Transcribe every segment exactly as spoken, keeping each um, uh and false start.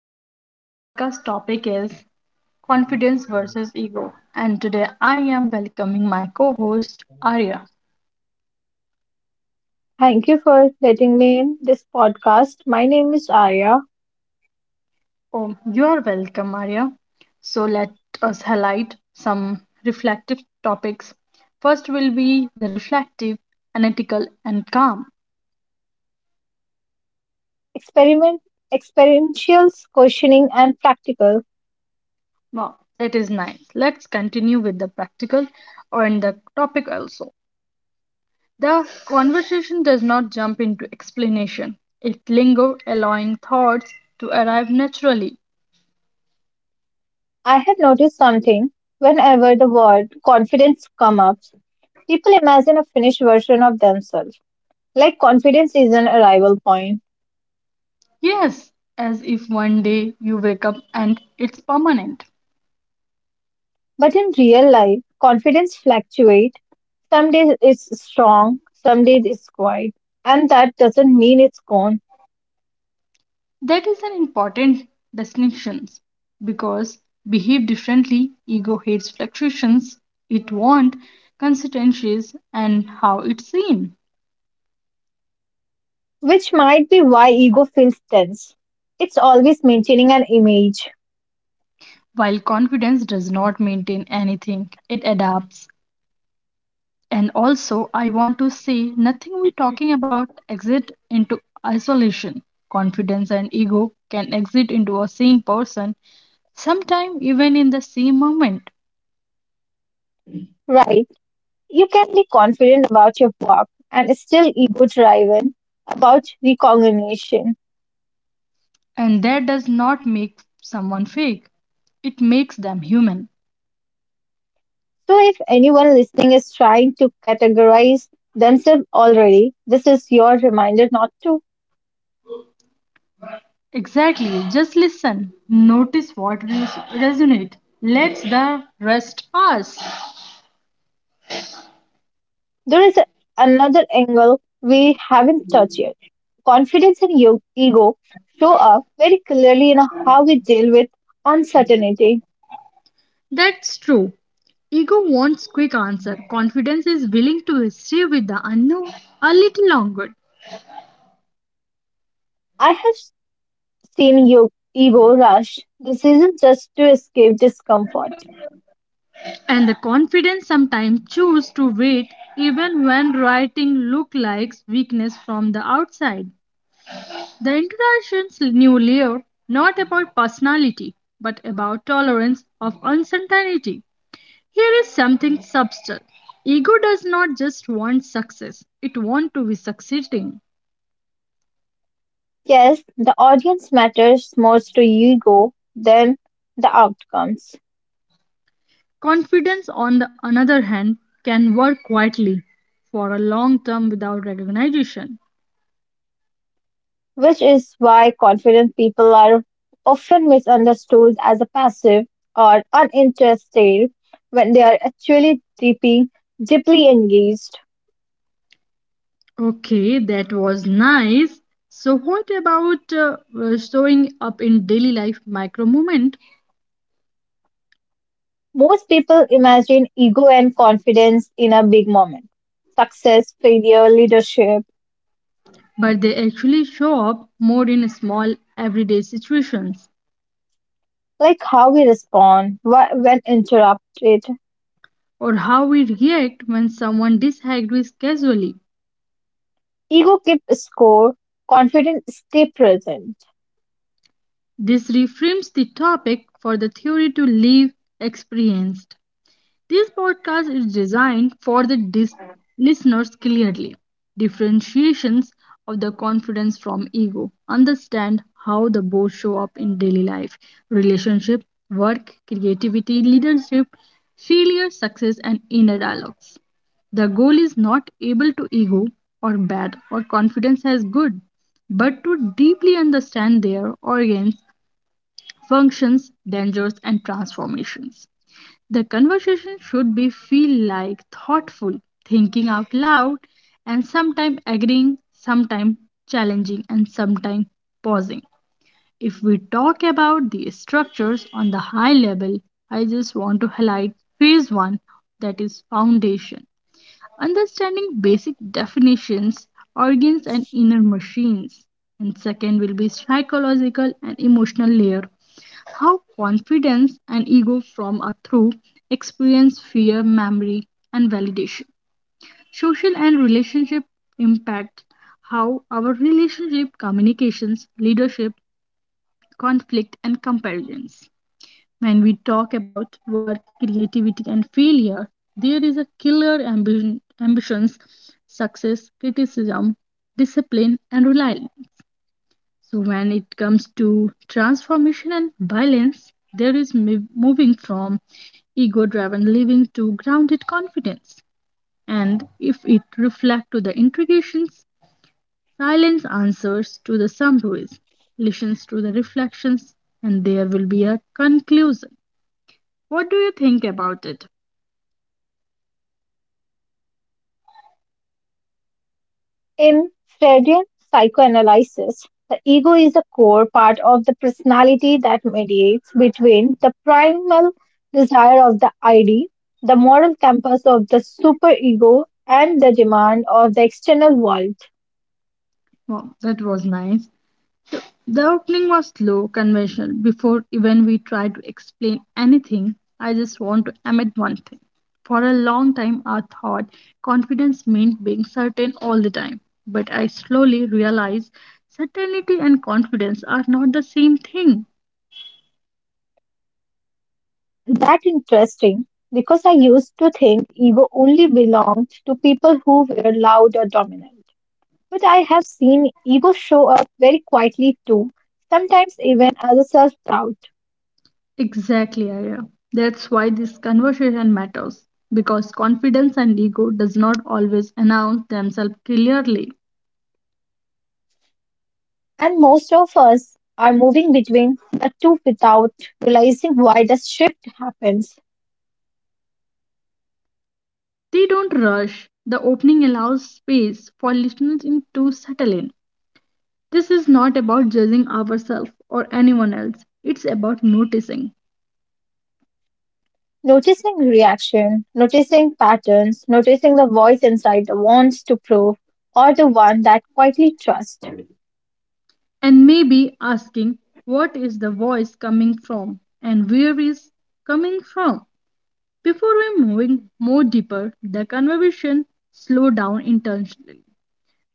our podcast topic is confidence versus ego. And today, I am welcoming my co host Arya. Thank you for letting me in this podcast. My name is Arya. Oh, you are welcome, Arya. So, let us highlight some reflective topics. First will be the reflective, analytical, and calm. Experiment, experientials, questioning, and practical. Wow, that is nice. Let's continue with the practical and the topic also. The conversation does not jump into explanation. It lingers, allowing thoughts to arrive naturally. I had noticed something whenever the word confidence come up. People imagine a finished version of themselves, like confidence is an arrival point. Yes, as if one day you wake up and it's permanent. But in real life, confidence fluctuates. Some days it's strong, some days it's quiet, and that doesn't mean it's gone. That is an important distinction because behave differently, ego hates fluctuations, it wants consistencies and how it's seen. Which might be why ego feels tense. It's always maintaining an image, While confidence does not maintain anything, it adapts. And also, I want to say nothing we talking about exit into isolation. Confidence and ego can exit into a same person, sometime even in the same moment. right? You can be confident about your work and still ego driven about recognition. And that does not make someone fake, it makes them human. So, if anyone listening is trying to categorize themselves already, this is your reminder not to. Exactly, just listen, notice what res- resonates, let the rest us. There is a- another angle we haven't touched yet. Confidence and yo- ego show up very clearly in how we deal with uncertainty. That's true. Ego wants quick answer. Confidence is willing to stay with the unknown a little longer. I have stealing your ego rush. This is just to escape discomfort. And the confidence sometimes choose to wait even when writing look like weakness from the outside. The introduction's new layer not about personality but about tolerance of uncertainty. Here is something subtle. Ego does not just want success, it wants to be succeeding. Yes, the audience matters most to ego than the outcomes. Confidence on the another hand can work quietly for a long term without recognition. Which is why confident people are often misunderstood as a passive or uninterested when they are actually deeply, deeply engaged. Okay, that was nice. So, what about uh, uh, showing up in daily life micro moment, Most people imagine ego and confidence in a big moment success, failure, leadership, but they actually show up more in small everyday situations, like how we respond wh- when interrupted. or how we react when someone disagrees casually? Ego keeps score, confidence stay present. This reframes the topic for the theory to live experienced. This podcast is designed for the dis- listeners clearly. Differentiations of the confidence from ego. Understand how the both show up in daily life, relationship, work, creativity, leadership, failure, success, and inner dialogues. The goal is not able to ego or bad or confidence as good, but to deeply understand their organs, functions, dangers, and transformations. The conversation should be feel like thoughtful, thinking out loud, and sometimes agreeing, sometimes challenging, and sometimes pausing. If we talk about the structures on the high level, I just want to highlight phase one that is foundation. Understanding basic definitions, organs, and inner machines. And second will be psychological and emotional layer how confidence and ego from are through experience, fear, memory, and validation. Social and relationship impact how our relationship, communications, leadership, conflict, and comparisons. When we talk about work, creativity, and failure, there is a killer ambition, ambitions, success, criticism, discipline, and reliance so when it comes to transformation and balance, there is mov- moving from ego-driven living to grounded confidence. And if it reflects to the interrogations, silence answers to the summaries, listens to the reflections, and there will be a conclusion. What do you think about it? In Freudian psychoanalysis, the ego is the core part of the personality that mediates between the primal desire of the I D, the moral compass of the superego, and the demand of the external world. Wow, that was nice. The opening was slow, conventional. Before even we tried to explain anything, I just want to admit one thing. For a long time, I thought confidence meant being certain all the time. But I slowly realized certainty and confidence are not the same thing. That interesting because I used to think ego only belonged to people who were loud or dominant. But I have seen ego show up very quietly too, sometimes even as a self doubt. Exactly, Aya. That's why this conversation matters. Because confidence and ego does not always announce themselves clearly. And most of us are moving between the two without realizing why the shift happens. They don't rush. The opening allows space for listeners in- to settle in. This is not about judging ourselves or anyone else, it's about noticing Noticing reaction, noticing patterns, noticing the voice inside the wants to prove or the one that quietly trusts. and maybe asking what is the voice coming from and where is coming from. Before we moving more deeper, the conversation slow down intentionally.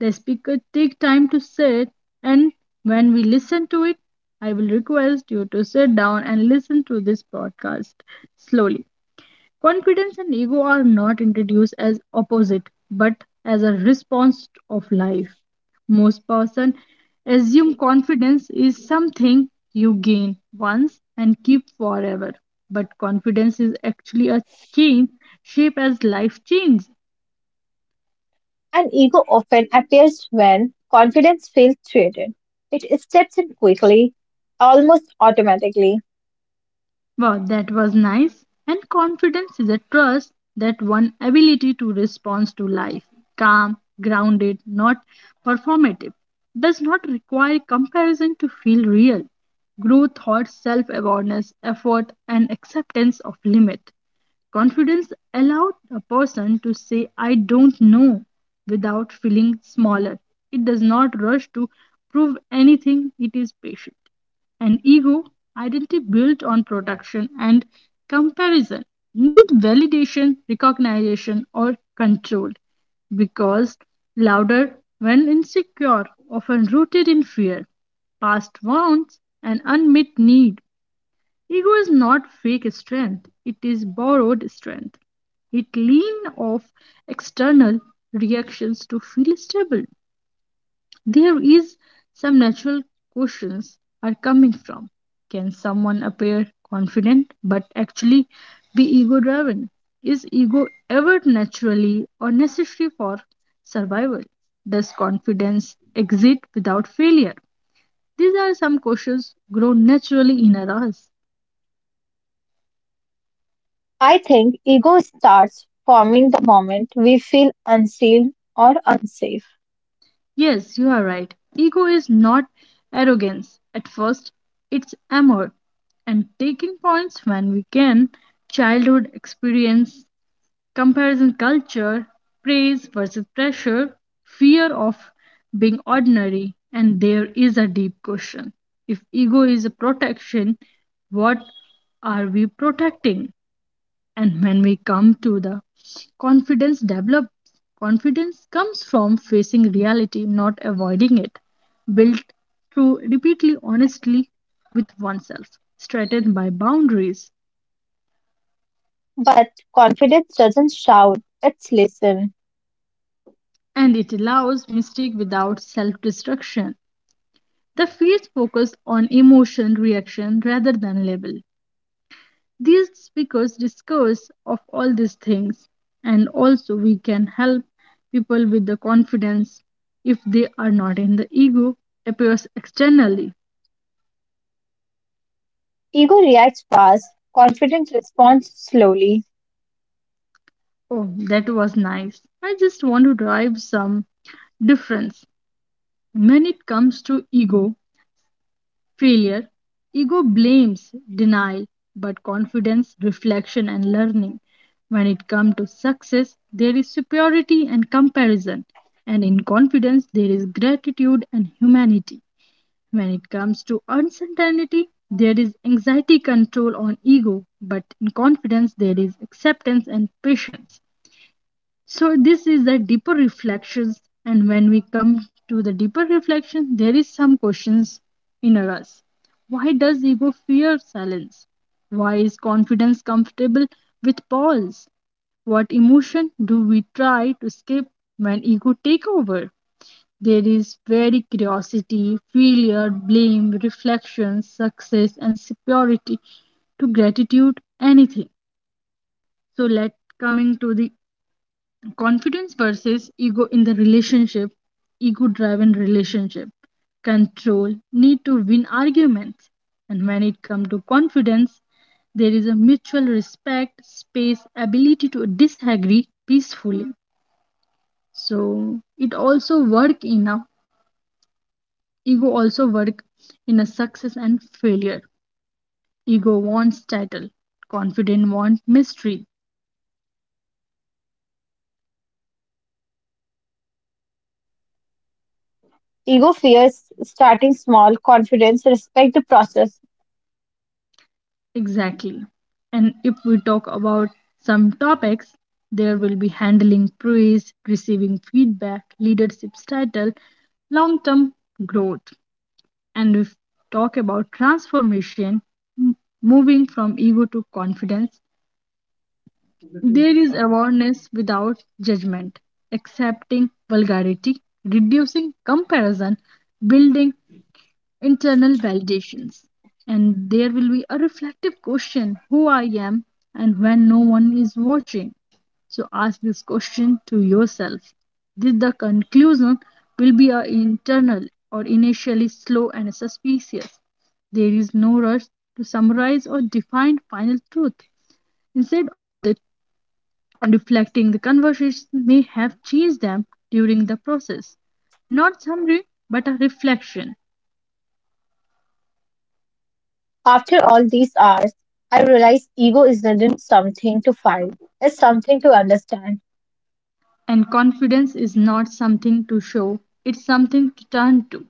The speaker take time to sit and when we listen to it, I will request you to sit down and listen to this podcast slowly. Confidence and ego are not introduced as opposite but as a response of life. Most person assume confidence is something you gain once and keep forever. But confidence is actually a change shape as life changes. And ego often appears when confidence feels threatened. It steps in quickly, almost automatically. Wow, that was nice. And confidence is a trust that one ability to respond to life, calm, grounded, not performative, does not require comparison to feel real. Growth thought self awareness, effort, and acceptance of limit. Confidence allowed a person to say, I don't know, without feeling smaller. It does not rush to prove anything, it is patient. An ego identity built on production and comparison need validation recognition or control because louder when insecure often rooted in fear past wounds and unmet need ego is not fake strength it is borrowed strength it lean off external reactions to feel stable there is some natural questions are coming from can someone appear confident but actually be ego driven is ego ever naturally or necessary for survival does confidence exist without failure these are some questions grown naturally in us I think ego starts forming the moment we feel unseen or unsafe. yes you are right ego is not arrogance at first it's amor and taking points when we can childhood experience. Comparison culture, praise versus pressure, fear of being ordinary, and there is a deep question. If ego is a protection, what are we protecting? And when we come to the confidence develops, confidence comes from facing reality, not avoiding it, built through repeatedly honestly with oneself, strengthened by boundaries, But confidence doesn't shout, it's listen. and it allows mistake without self destruction. The fields focus on emotion reaction rather than label. These speakers discuss of all these things, and also we can help people with the confidence if they are not in the ego appears externally. Ego reacts fast, confidence responds slowly. Oh, that was nice. I just want to drive some difference when it comes to ego failure, ego blames denial, but confidence, reflection, and learning. When it comes to success, there is superiority and comparison, and in confidence, there is gratitude and humanity. When it comes to uncertainty, there is anxiety control on ego, but in confidence, there is acceptance and patience. So this is the deeper reflections, and when we come to the deeper reflection, there is some questions inner us. Why does ego fear silence? Why is confidence comfortable with pause? What emotion do we try to skip when ego take over? There is very curiosity, failure, blame, reflection, success, and superiority to gratitude anything so let coming to the confidence versus ego in the relationship ego driven relationship control need to win arguments and when it comes to confidence there is a mutual respect space ability to disagree peacefully so it also work in a ego also work in a success and failure ego wants title confident want mystery. Ego fears starting small, confidence, respect the process. Exactly. And if we talk about some topics, there will be handling praise, receiving feedback, leadership's title, long term growth. And if talk about transformation, m- moving from ego to confidence, there is awareness without judgment, accepting vulgarity, reducing comparison, building internal validations. And there will be a reflective question who I am and when no one is watching. So ask this question to yourself. This the conclusion will be a internal or initially slow and suspicious. There is no rush to summarize or define final truth. Instead of that reflecting the conversation may have changed them during the process. Not summary but a reflection. After all these hours, I realized ego isn't something to fight, it's something to understand. And confidence is not something to show, it's something to turn to.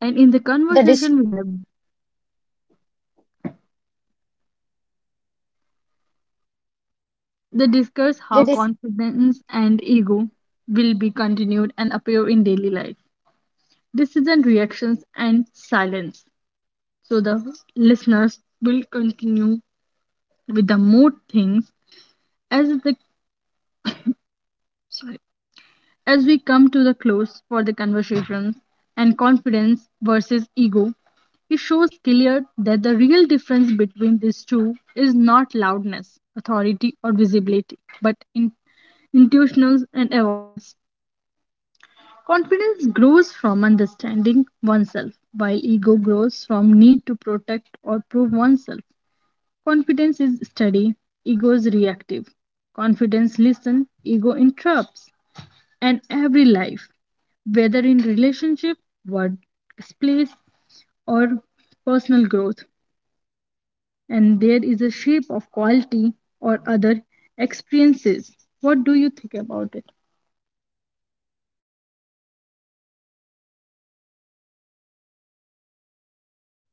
And in the The dish, conversation we have, they discuss how the dis- confidence and ego will be continued and appear in daily life. Decision reactions and silence. So the listeners will continue with the more things as the sorry. As we come to the close for the conversations and confidence versus ego, it shows clear that the real difference between these two is not loudness, authority, or visibility, but in intuitions and awareness. Confidence grows from understanding oneself, while ego grows from need to protect or prove oneself. Confidence is steady, ego is reactive. Confidence listens, ego interrupts and every life, whether in relationship, workplace, or personal growth. And there is a shape of quality or other experiences. What do you think about it?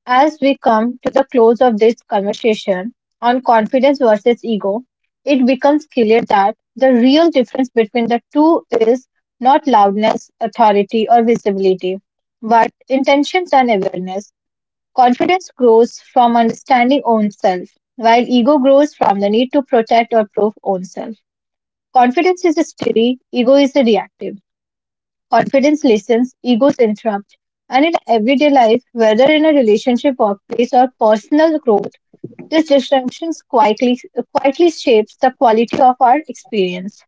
As we come to the close of this conversation on confidence versus ego, it becomes clear that the real difference between the two is not loudness, authority, or visibility, but intentions and awareness. Confidence grows from understanding own self, while ego grows from the need to protect or prove own self. Confidence is steady, ego is reactive. Confidence listens, egos interrupt. And in everyday life, whether in a relationship, workplace, or personal growth, these distinctions quietly, quietly shapes the quality of our experience.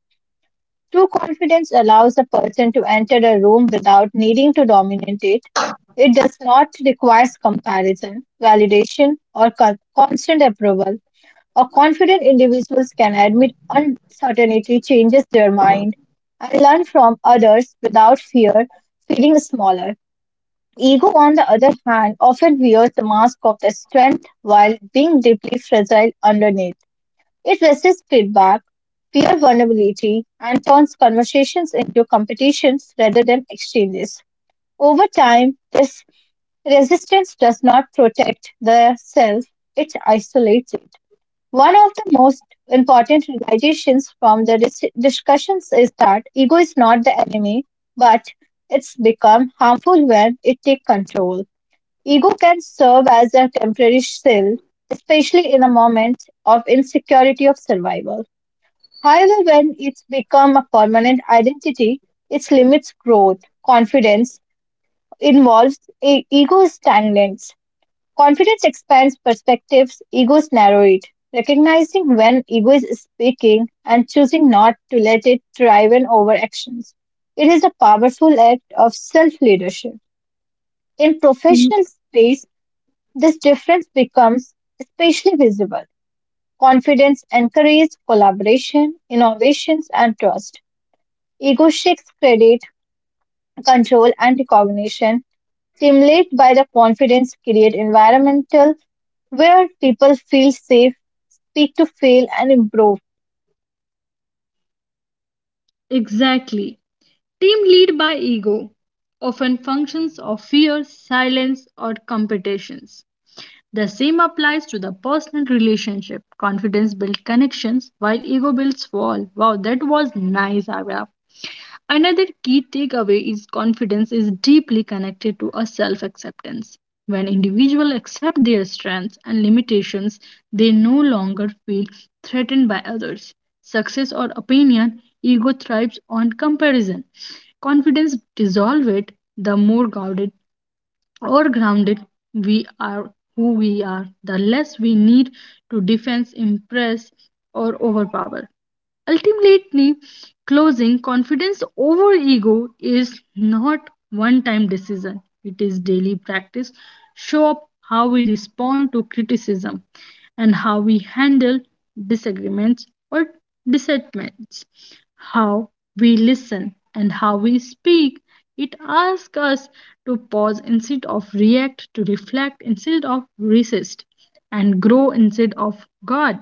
True confidence allows a person to enter a room without needing to dominate it. It does not require comparison, validation, or con- constant approval. A confident individuals can admit uncertainty, changes their mind, and learn from others without fear, feeling smaller. Ego, on the other hand, often wears the mask of the strength while being deeply fragile underneath. It resists feedback, fear vulnerability, and turns conversations into competitions rather than exchanges. Over time, this resistance does not protect the self, it isolates it. One of the most important realizations from the dis- discussions is that ego is not the enemy, but it's become harmful when it takes control. Ego can serve as a temporary shield, especially in a moment of insecurity of survival. However, when it's become a permanent identity, its limits growth. Confidence involves e- ego stagnates. Confidence expands perspectives, egos narrow it. Recognizing when ego is speaking and choosing not to let it drive in over actions. It is a powerful act of self leadership. In Mm. professional space, this difference becomes especially visible. Confidence encourages collaboration, innovations, and trust. Ego seeks credit, control, and recognition, stimulated by the confidence create environmental where people feel safe, speak to fail, and improve. Exactly. Team lead by ego often functions of fear, silence, or competitions. The same applies to the personal relationship. Confidence builds connections while ego builds wall. Wow, that was nice, Abra. Another key takeaway is confidence is deeply connected to a self acceptance. When individuals accept their strengths and limitations, they no longer feel threatened by others. Success or opinion, ego thrives on comparison. Confidence dissolves it, the more guarded or grounded we are who we are, the less we need to defense, impress, or overpower. Ultimately, closing confidence over ego is not one time decision, it is daily practice. Show up how we respond to criticism and how we handle disagreements or dissentments, how we listen and how we speak. It asks us to pause instead of react, to reflect instead of resist, and grow instead of guard.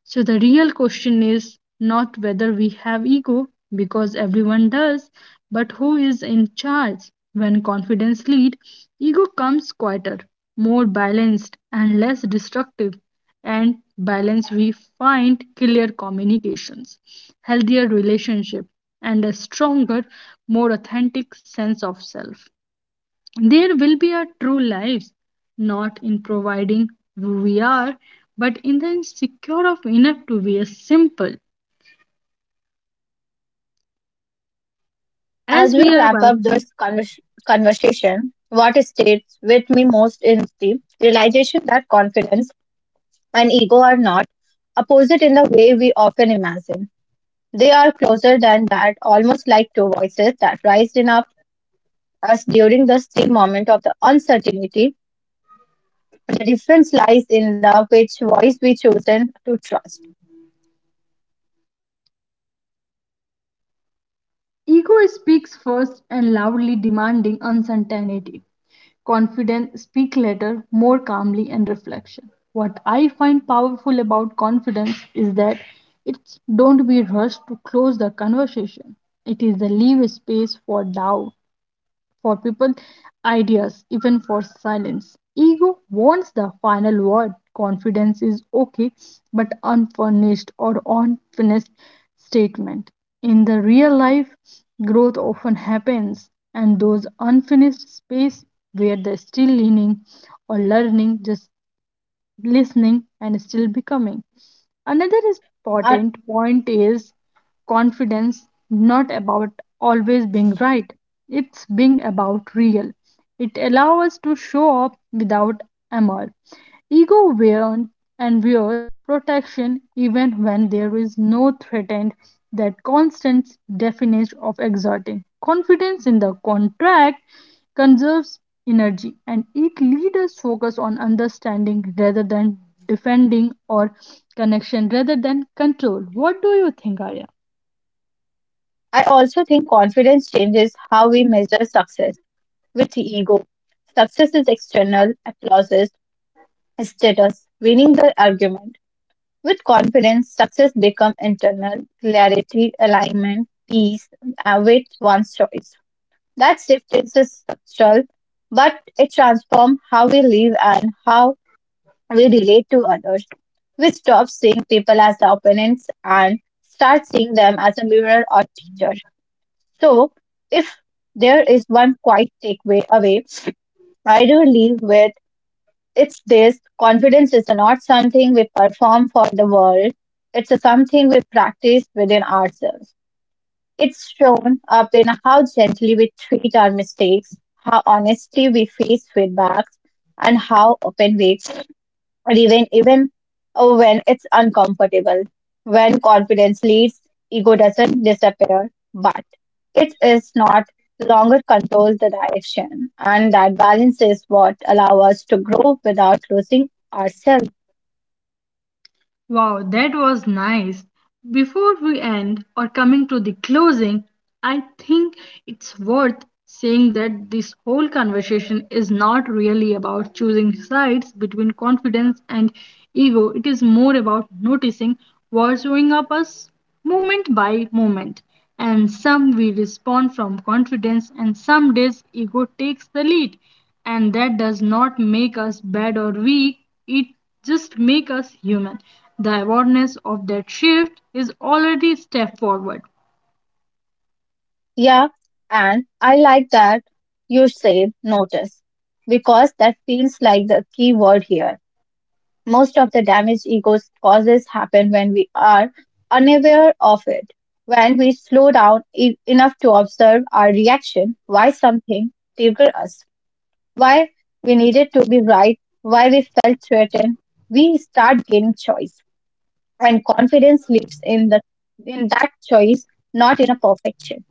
So the real question is not whether we have ego, because everyone does, but who is in charge. When confidence leads, ego comes quieter, more balanced and less destructive. And balance we find clear communications, healthier relationship, and a stronger, more authentic sense of self. There will be a true lives, not in providing who we are, but in the secure of enough to be as simple As as we we are. wrap But up this convers- conversation, what states with me most is the realization that confidence and ego are not opposite in the way we often imagine. They are closer than that, almost like two voices that rise in up us during the same moment of the uncertainty. The difference lies in the which voice we chosen to trust. ego speaks first and loudly demanding uncertainty. Confidence speak later, more calmly and reflection. What I find powerful about confidence is that it don't be rushed to close the conversation. It is the leave space for doubt for people, ideas, even for silence. Ego wants the final word. Confidence is okay, but unfurnished or unfinished statement. In the real life, growth often happens, and those unfinished space where the still leaning or learning just listening, and still becoming. Another I important point is confidence not about always being right, it's being about real. It allows us to show up without armor. Ego wears and wears protection even when there is no threatened. That constant definition of exerting confidence in the contract conserves energy, and it leads us focus on understanding rather than defending, or connection rather than control. What do you think, Arya? I also think confidence changes how we measure success with the ego. Success is external, applauses, status, winning the argument. With confidence, success becomes internal, clarity, alignment, peace uh, with one's choice. That shift is structural, but it transforms how we live and how we relate to others. We stop seeing people as the opponents and start seeing them as a mirror or teacher. So, if there is one quiet takeaway away, I do leave with it's this confidence is not something we perform for the world, it's a something we practice within ourselves. It's shown up in how gently we treat our mistakes, how honestly we face feedbacks, and how open we even even uh, when it's uncomfortable. When confidence leads, ego doesn't disappear, but it is not longer controls the direction, and that balance is what allow us to grow without losing ourselves. Wow, that was nice. Before we end or coming to the closing, I think it's worth saying that this whole conversation is not really about choosing sides between confidence and ego. It is more about noticing what's showing up us moment by moment. And some we respond from confidence, and some days ego takes the lead. And that does not make us bad or weak, it just makes us human. The awareness of that shift is already a step forward. Yeah, and I like that you say notice because that feels like the key word here. Most of the damage egos causes happen when we are unaware of it. When we slow down e- enough to observe our reaction, why something triggered us, why we needed to be right, why we felt threatened, we start gaining choice. And confidence lives in the in that choice, not in a perfection.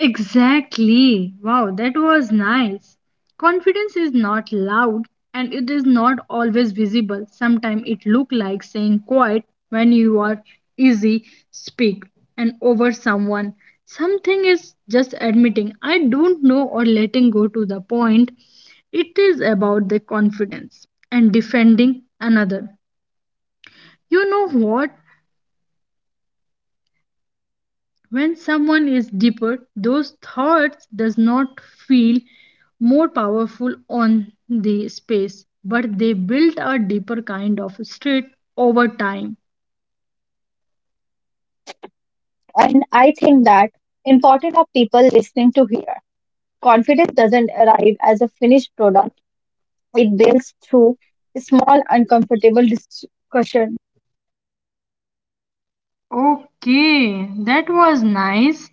Exactly. Wow, that was nice. Confidence is not loud and it is not always visible. Sometimes it look like saying quiet when you are easy speak and over someone. Something is just admitting I don't know or letting go to the point. It is about the confidence and defending another. You know what? When someone is deeper, those thoughts does not feel more powerful on the space, but they build a deeper kind of state over time. And I think that important of people listening to hear. Confidence doesn't arrive as a finished product. It builds through small, uncomfortable discussion. Okay, that was nice.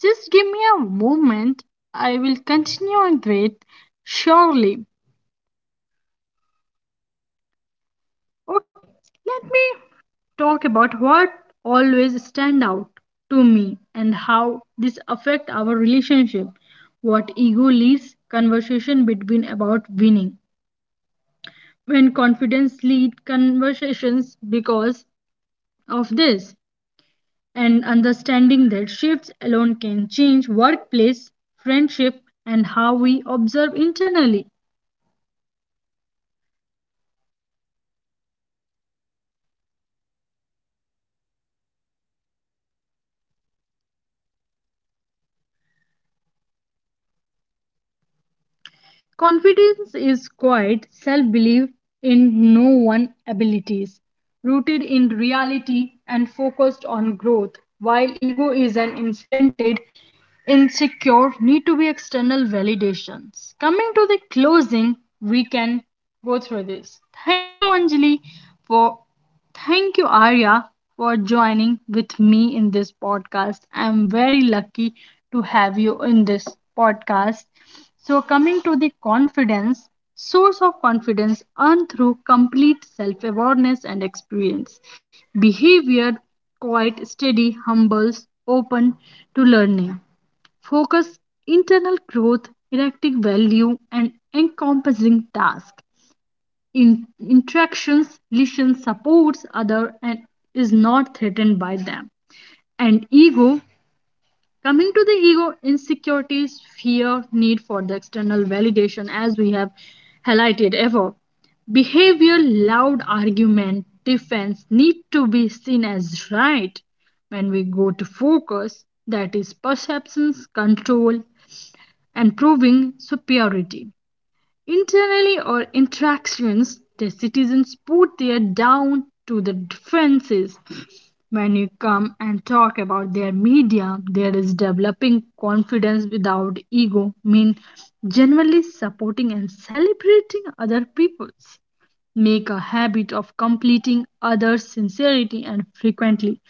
Just give me a moment. I will continue on it surely. Okay, let me talk about what always stand out to me and how this affect our relationship. What ego leads conversation between about winning. When confidence lead conversations because of this and understanding that shifts alone can change workplace, friendship and how we observe internally. And with that, maybe the goal isn't to know, eliminate ego, but to stop letting it drive. Confidence Confidence doesn't is silence ego, quiet self belief it in no just one keeps it abilities, in the rooted backseat. in reality And when and that focused happens, on life growth, feels little while more ego is an spacious, inflated, a little more honest, insecure need to and be lot more external connected. validations. Coming to the closing, we can go through this. Thank you, Anjali, for. Thank you, Arya, for joining with me in this podcast. I'm very lucky to have you in this podcast. So, coming to the confidence, source of confidence earned through complete self awareness and experience. Behavior quite steady, humbles, open to learning. Focus internal growth, erecting value, and encompassing task in- interactions, listens, supports other and is not threatened by them. And ego, coming to the ego, insecurities, fear, need for the external validation as we have highlighted ever. Behavior, loud argument, defense need to be seen as right. When we go to focus, that is perceptions, control, and proving superiority. Internally or interactions, the citizens put their down to the differences. When you come and talk about their media, there is developing confidence without ego, mean generally supporting and celebrating other people's. Make a habit of completing others' sincerity and frequently.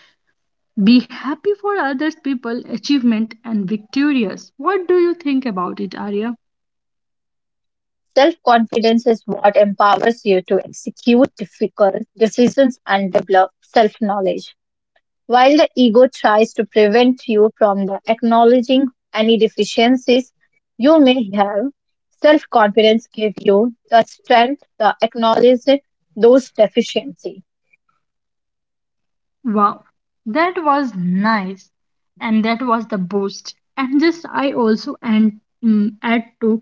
Be happy for others' people, achievement and victorious. What do you think about it, Arya? Self confidence is what empowers you to execute difficult decisions and develop self knowledge. While the ego tries to prevent you from the acknowledging any deficiencies you may have, self confidence gives you the strength to acknowledge those deficiencies. Wow, that was nice, and that was the boost. And just I also and mm, add to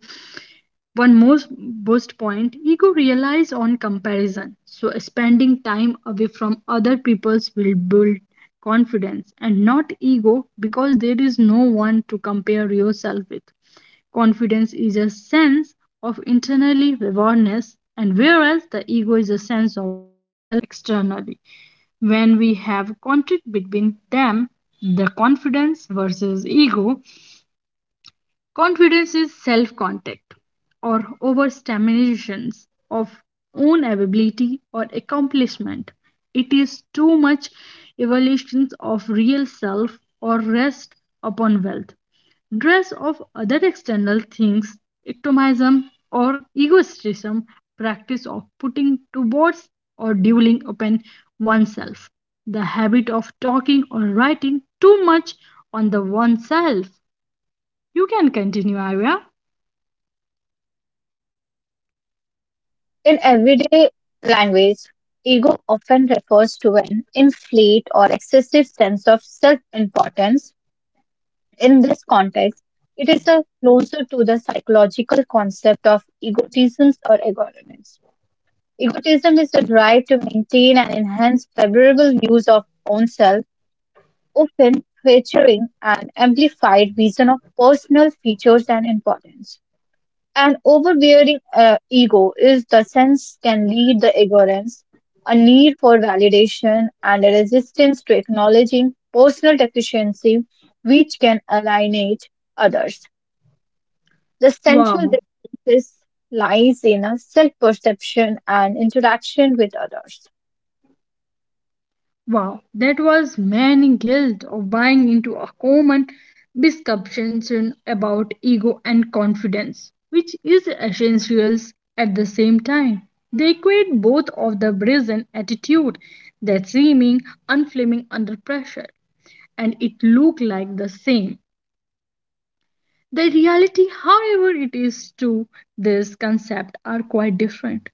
one more boost point. Ego relies on comparison, so spending time away from other people's will build confidence and not ego because there is no one to compare yourself with. Confidence is a sense of internally awareness, and whereas the ego is a sense of self externally, when we have conflict between them, the confidence versus ego, confidence is self contact or overstimulations of own ability or accomplishment. It is too much evaluations of real self or rest upon wealth, dress of other external things, ectomism or egoistism, practice of putting to words or dwelling upon oneself, the habit of talking or writing too much on the oneself. You can continue, Arya. In everyday language, ego often refers to an inflate or excessive sense of self importance. In this context, it is the closer to the psychological concept of egotism or egotisms. Egotism is the drive to maintain and enhance favorable views of oneself, often featuring an amplified vision of personal features and importance. An overbearing uh, ego is the sense can lead the ignorance, a need for validation, and a resistance to acknowledging personal deficiency, which can alienate others. The central Wow. difference lies in our self perception and interaction with others. Wow, that was man guilt of buying into a common misconception about ego and confidence, which is essentials at the same time. They equate both of the brazen attitude that seeming unflaming under pressure, and it looked like the same. The reality, however, it is to this concept are quite different.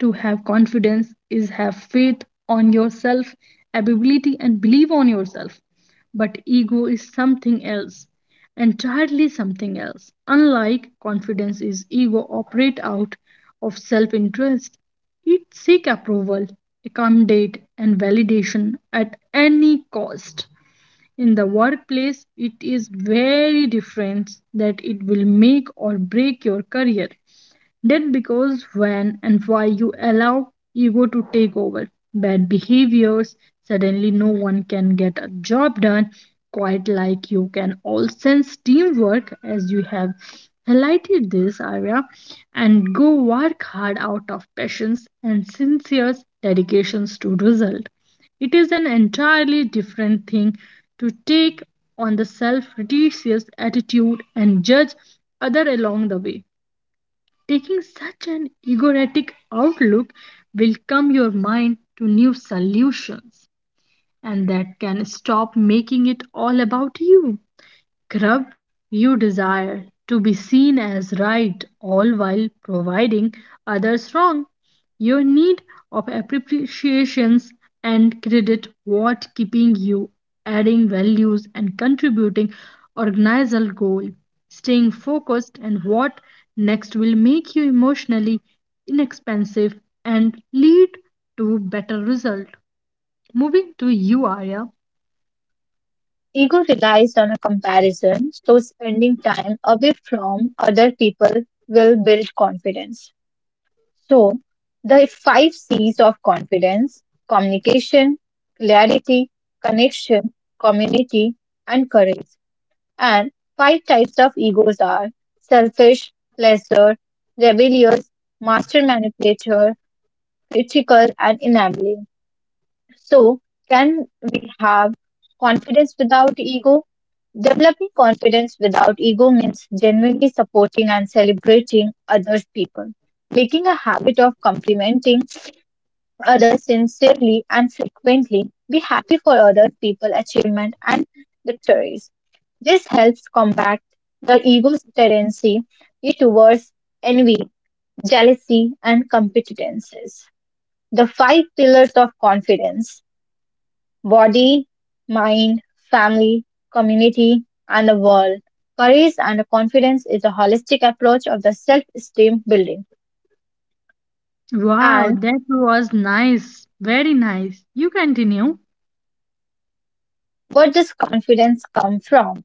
To have confidence is have faith on yourself, ability, and believe on yourself. But ego is something else, entirely something else. Unlike confidence is ego operate out of self-interest. It seek approval, accommodate, and validation at any cost. In the workplace it is very different, that it will make or break your career did because when and why you allow ego to take over. Bad behaviors, suddenly no one can get a job done, quite like you can all sense teamwork as you have highlighted this area and go work hard out of passions and sincere dedications to result. It is an entirely different thing to take on the self-righteous attitude and judge other along the way. Taking such an egoistic outlook will come your mind to new solutions, and that can stop making it all about you. Grub, you desire to be seen as right all while providing others wrong. Your need of appreciations and credit what keeping you adding values and contributing organizational goal, staying focused and what next will make you emotionally inexpensive and lead to better result. Moving to you, Arya. Ego relies on a comparison, so spending time away from other people will build confidence. So, the five C's of confidence communication, clarity, connection, community, and courage. And five types of egos are selfish, pleasure, rebellious, master manipulator, critical and enabling. So, can we have confidence without ego? Developing confidence without ego means genuinely supporting and celebrating other people. Making a habit of complimenting others sincerely and frequently. Be happy for other people's achievement and victories. This helps combat the ego's tendency towards envy, jealousy, and competences. The five pillars of confidence body, mind, family, community, and the world. Courage and confidence is a holistic approach of the self esteem building. Wow, And that was nice. Very nice. You continue. where does confidence come from?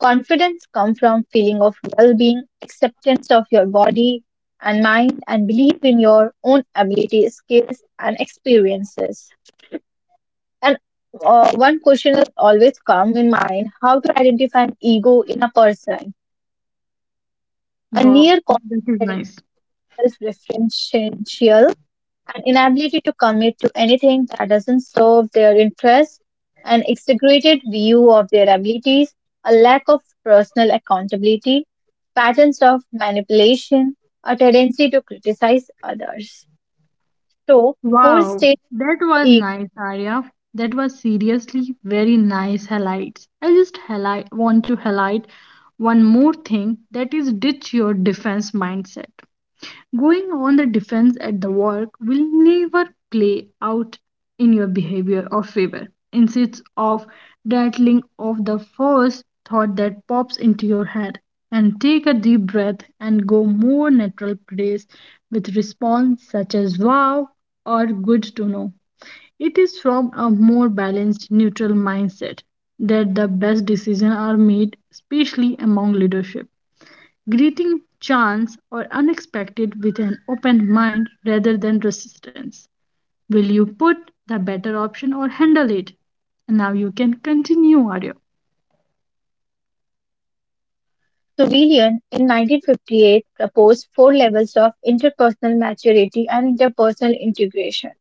Confidence comes from feeling of well-being, acceptance of your body and mind, and belief in your own ability, skills, and experiences. And uh, one question is always come in mind: how to identify an ego in a person? A Wow, near that is constant nice. self-referential and inability to commit to anything that doesn't serve their interests, an exaggerated view of their abilities, a lack of personal accountability, patterns of manipulation, a tendency to criticize others. So, four Wow, states that was each nice, Arya. That was seriously very nice highlights. I just highlight, want to highlight one more thing that is ditch your defense mindset. Going on the defense at the work will never play out in your behavior or favor. Instead of rattling off the first thought that pops into your head, and take a deep breath and go more natural praise with response such as wow or good to know. It is from a more balanced, neutral mindset that the best decisions are made, especially among leadership greeting chance or unexpected with an open mind rather than resistance. Will you put the better option or handle it? And now you can continue, Arya. civilian in nineteen fifty-eight proposed four levels of interpersonal maturity and interpersonal integration.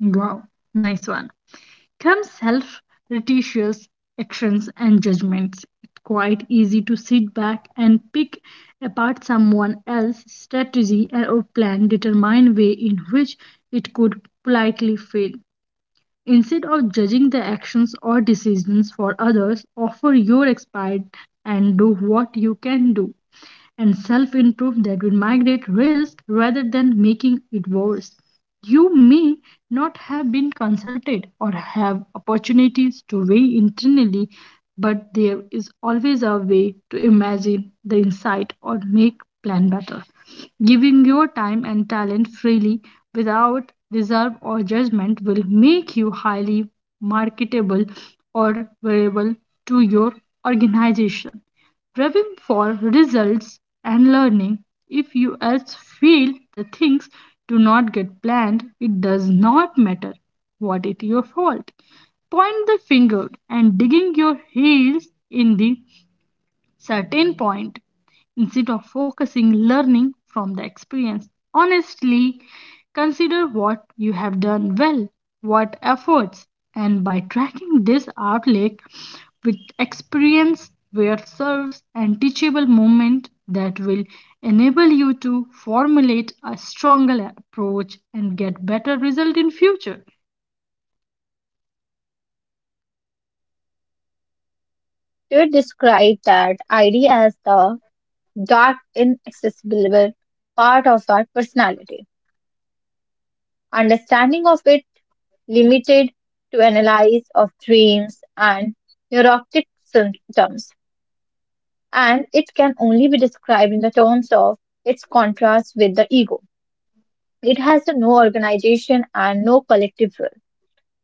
Wow, nice one. Come self retitious actions and judgments. It's quite easy to sit back and pick apart someone else's strategy or plan, determine way in which it could politely fail. Instead of judging the actions or decisions for others, offer your expertise and do what you can do and self improve that will migrate risk rather than making it worse. You may not have been consulted or have opportunities to weigh internally, but there is always a way to imagine the insight or make plan better. Giving your time and talent freely without reserve or judgment will make you highly marketable or valuable to your organization, driving for results and learning. If you else feel the things do not get planned, it does not matter what is your fault. Point the finger and digging your heels in the certain point instead of focusing learning from the experience. Honestly, consider what you have done well, what efforts, and by tracking this outlet with experience where serves and teachable moment that will enable you to formulate a stronger approach and get better result in future. They described that idea as the dark, inaccessible part of our personality. Understanding of it limited to analysis of dreams and neurotic symptoms, and it can only be described in the terms of its contrast with the ego. It has no organization and no collective will.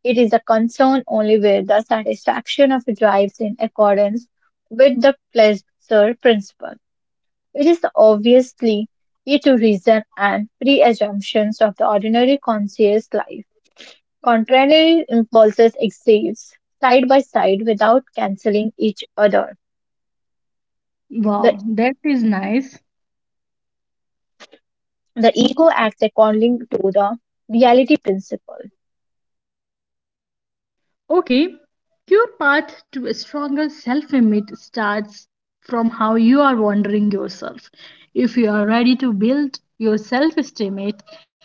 It is a concern only with the satisfaction of drives in accordance with the pleasure principle. It is obviously key to reason and pre assumptions of the ordinary conscious life. Contrary impulses exist side by side without cancelling each other. The, Wow, that is nice. the ego acts according to the reality principle. Okay, your path to a stronger self image starts from how you are wondering yourself. If you are ready to build your self esteem,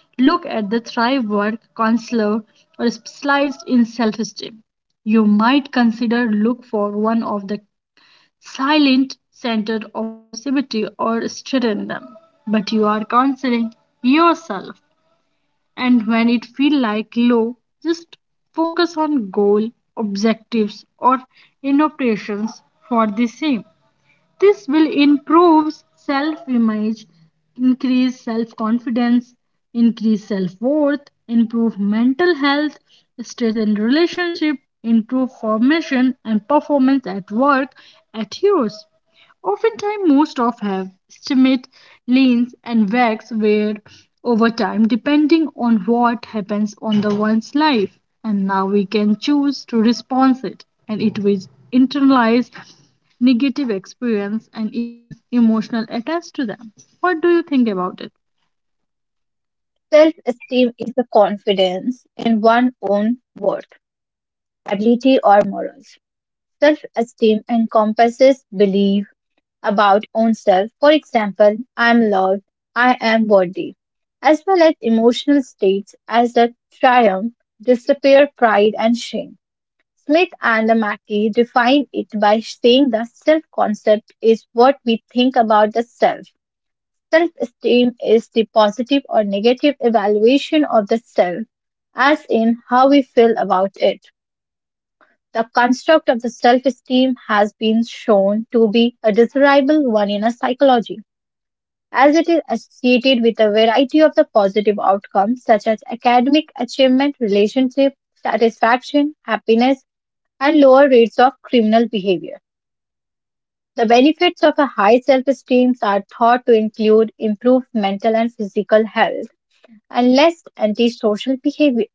look at the Thrive Work counselor or specialized in self esteem. You might consider look for one of the silent center offer symmetry or strengthen them. But you are counseling yourself, and when it feel like low, just focus on goal objectives or innovations for the same. This will improve self image, increase self confidence, increase self worth, improve mental health, strengthen relationship, improve formation and performance at work at yours. Oftentimes, most of have estimate leans and wax wear over time, depending on what happens on the one's life. And now we can choose to respond it, and it will internalize negative experience and even emotional attached to them. What do you think about it? Self esteem is the confidence in one's own worth, ability, or morals. Self esteem encompasses belief about own self, for example, I am loved, I am worthy, as well as emotional states as the triumph, despair, pride, and shame. Smith and Mackey define it by saying the self concept is what we think about the self. Self esteem is the positive or negative evaluation of the self, as in how we feel about it. The construct of the self esteem has been shown to be a desirable one in a psychology as it is associated with a variety of the positive outcomes such as academic achievement, relationship satisfaction, happiness, and lower rates of criminal behavior. The benefits of a high self esteem are thought to include improved mental and physical health and less antisocial behavior.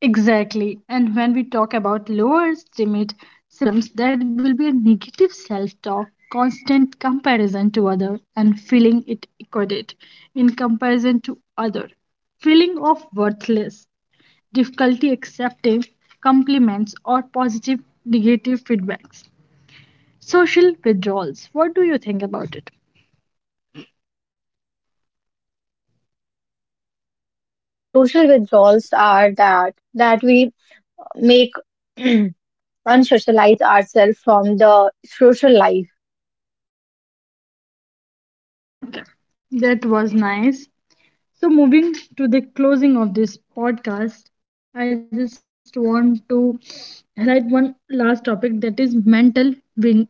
Exactly. And when we talk about lower estimate symptoms, that will be a negative self talk, constant comparison to other, and feeling it equated in comparison to other, feeling of worthless, difficulty accepting compliments or positive negative feedbacks, social withdrawals. What do you think about it? Social withdrawals are that that we make unsocialize ourselves from the social life Okay, that was nice. So, moving to the closing of this podcast, I just want to highlight one last topic that is mental well being.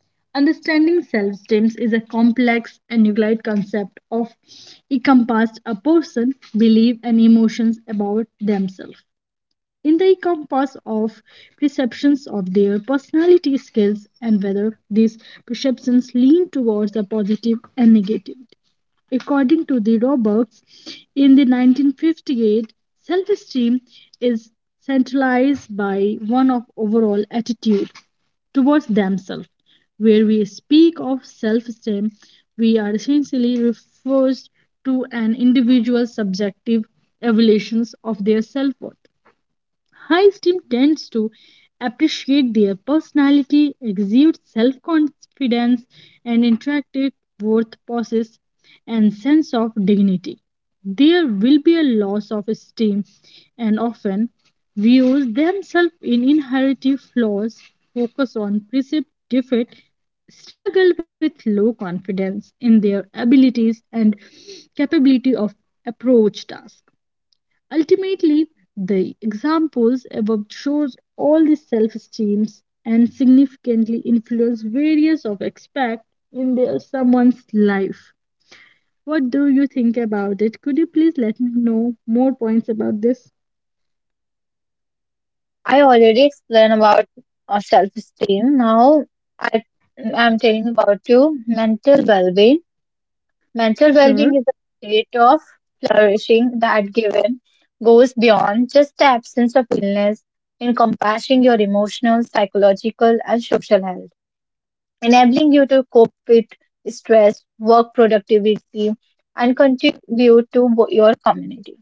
Understanding self esteem is a complex and nuanced concept of encompassed a person's belief and emotions about themselves in the compass of perceptions of their personality skills and whether these perceptions lean towards a positive and negative. According to the Roberts, in the nineteen fifty-eight, self-esteem is centralized by one of overall attitude towards themselves. Where we speak of self-esteem, we are essentially refers to an individual's subjective evaluations of their self-worth. High esteem tends to appreciate their personality, exude self confidence, and interactive worth possess and sense of dignity. There will be a loss of esteem and often views themselves in inherent flaws, focus on perceived defect, struggle with low confidence in their abilities and capability of approach tasks. Ultimately, the examples above shows all the self-esteems and significantly influence various of aspect in their someone's life. What do you think about it? Could you please let me know more points about this? I already explained about uh, self-esteem. Now I am telling about you mental well-being. Mental Sure. well-being is a state of flourishing that given goes beyond just the absence of illness, encompassing your emotional, psychological, and social health, enabling you to cope with stress, work productivity, and contribute to wo- your community.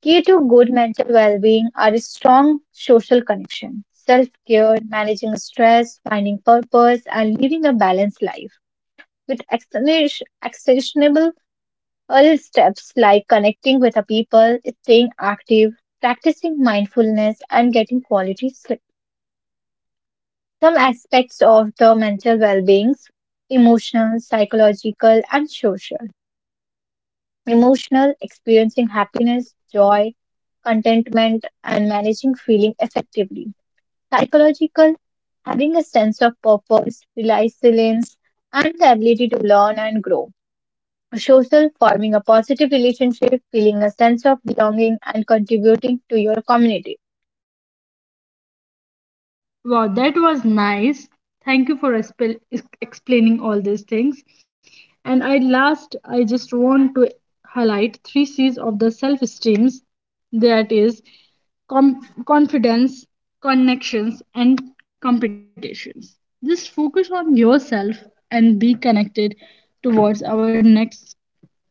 Key to good mental well being are strong social connection, self care, managing stress, finding purpose, and living a balanced life. With actionish- actionable early steps like connecting with the people, staying active, practicing mindfulness, and getting quality sleep. Some aspects of the mental well being emotional, psychological, and social. Emotional, experiencing happiness, joy, contentment, and managing feeling effectively psychological, having a sense of purpose, resilience, and the ability to learn and grow. Social, forming a positive relationship, feeling a sense of belonging, and contributing to your community. Wow, that was nice. Thank you for expel- ex- explaining all these things. And I last, I just want to highlight three C's of the self-esteem. That is com- confidence, connections, and competitions. Just focus on yourself and be connected towards our next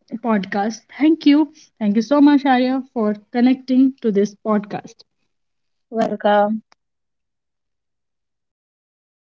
podcast. Thank you. Thank you so much, Arya, for connecting to this podcast. Welcome.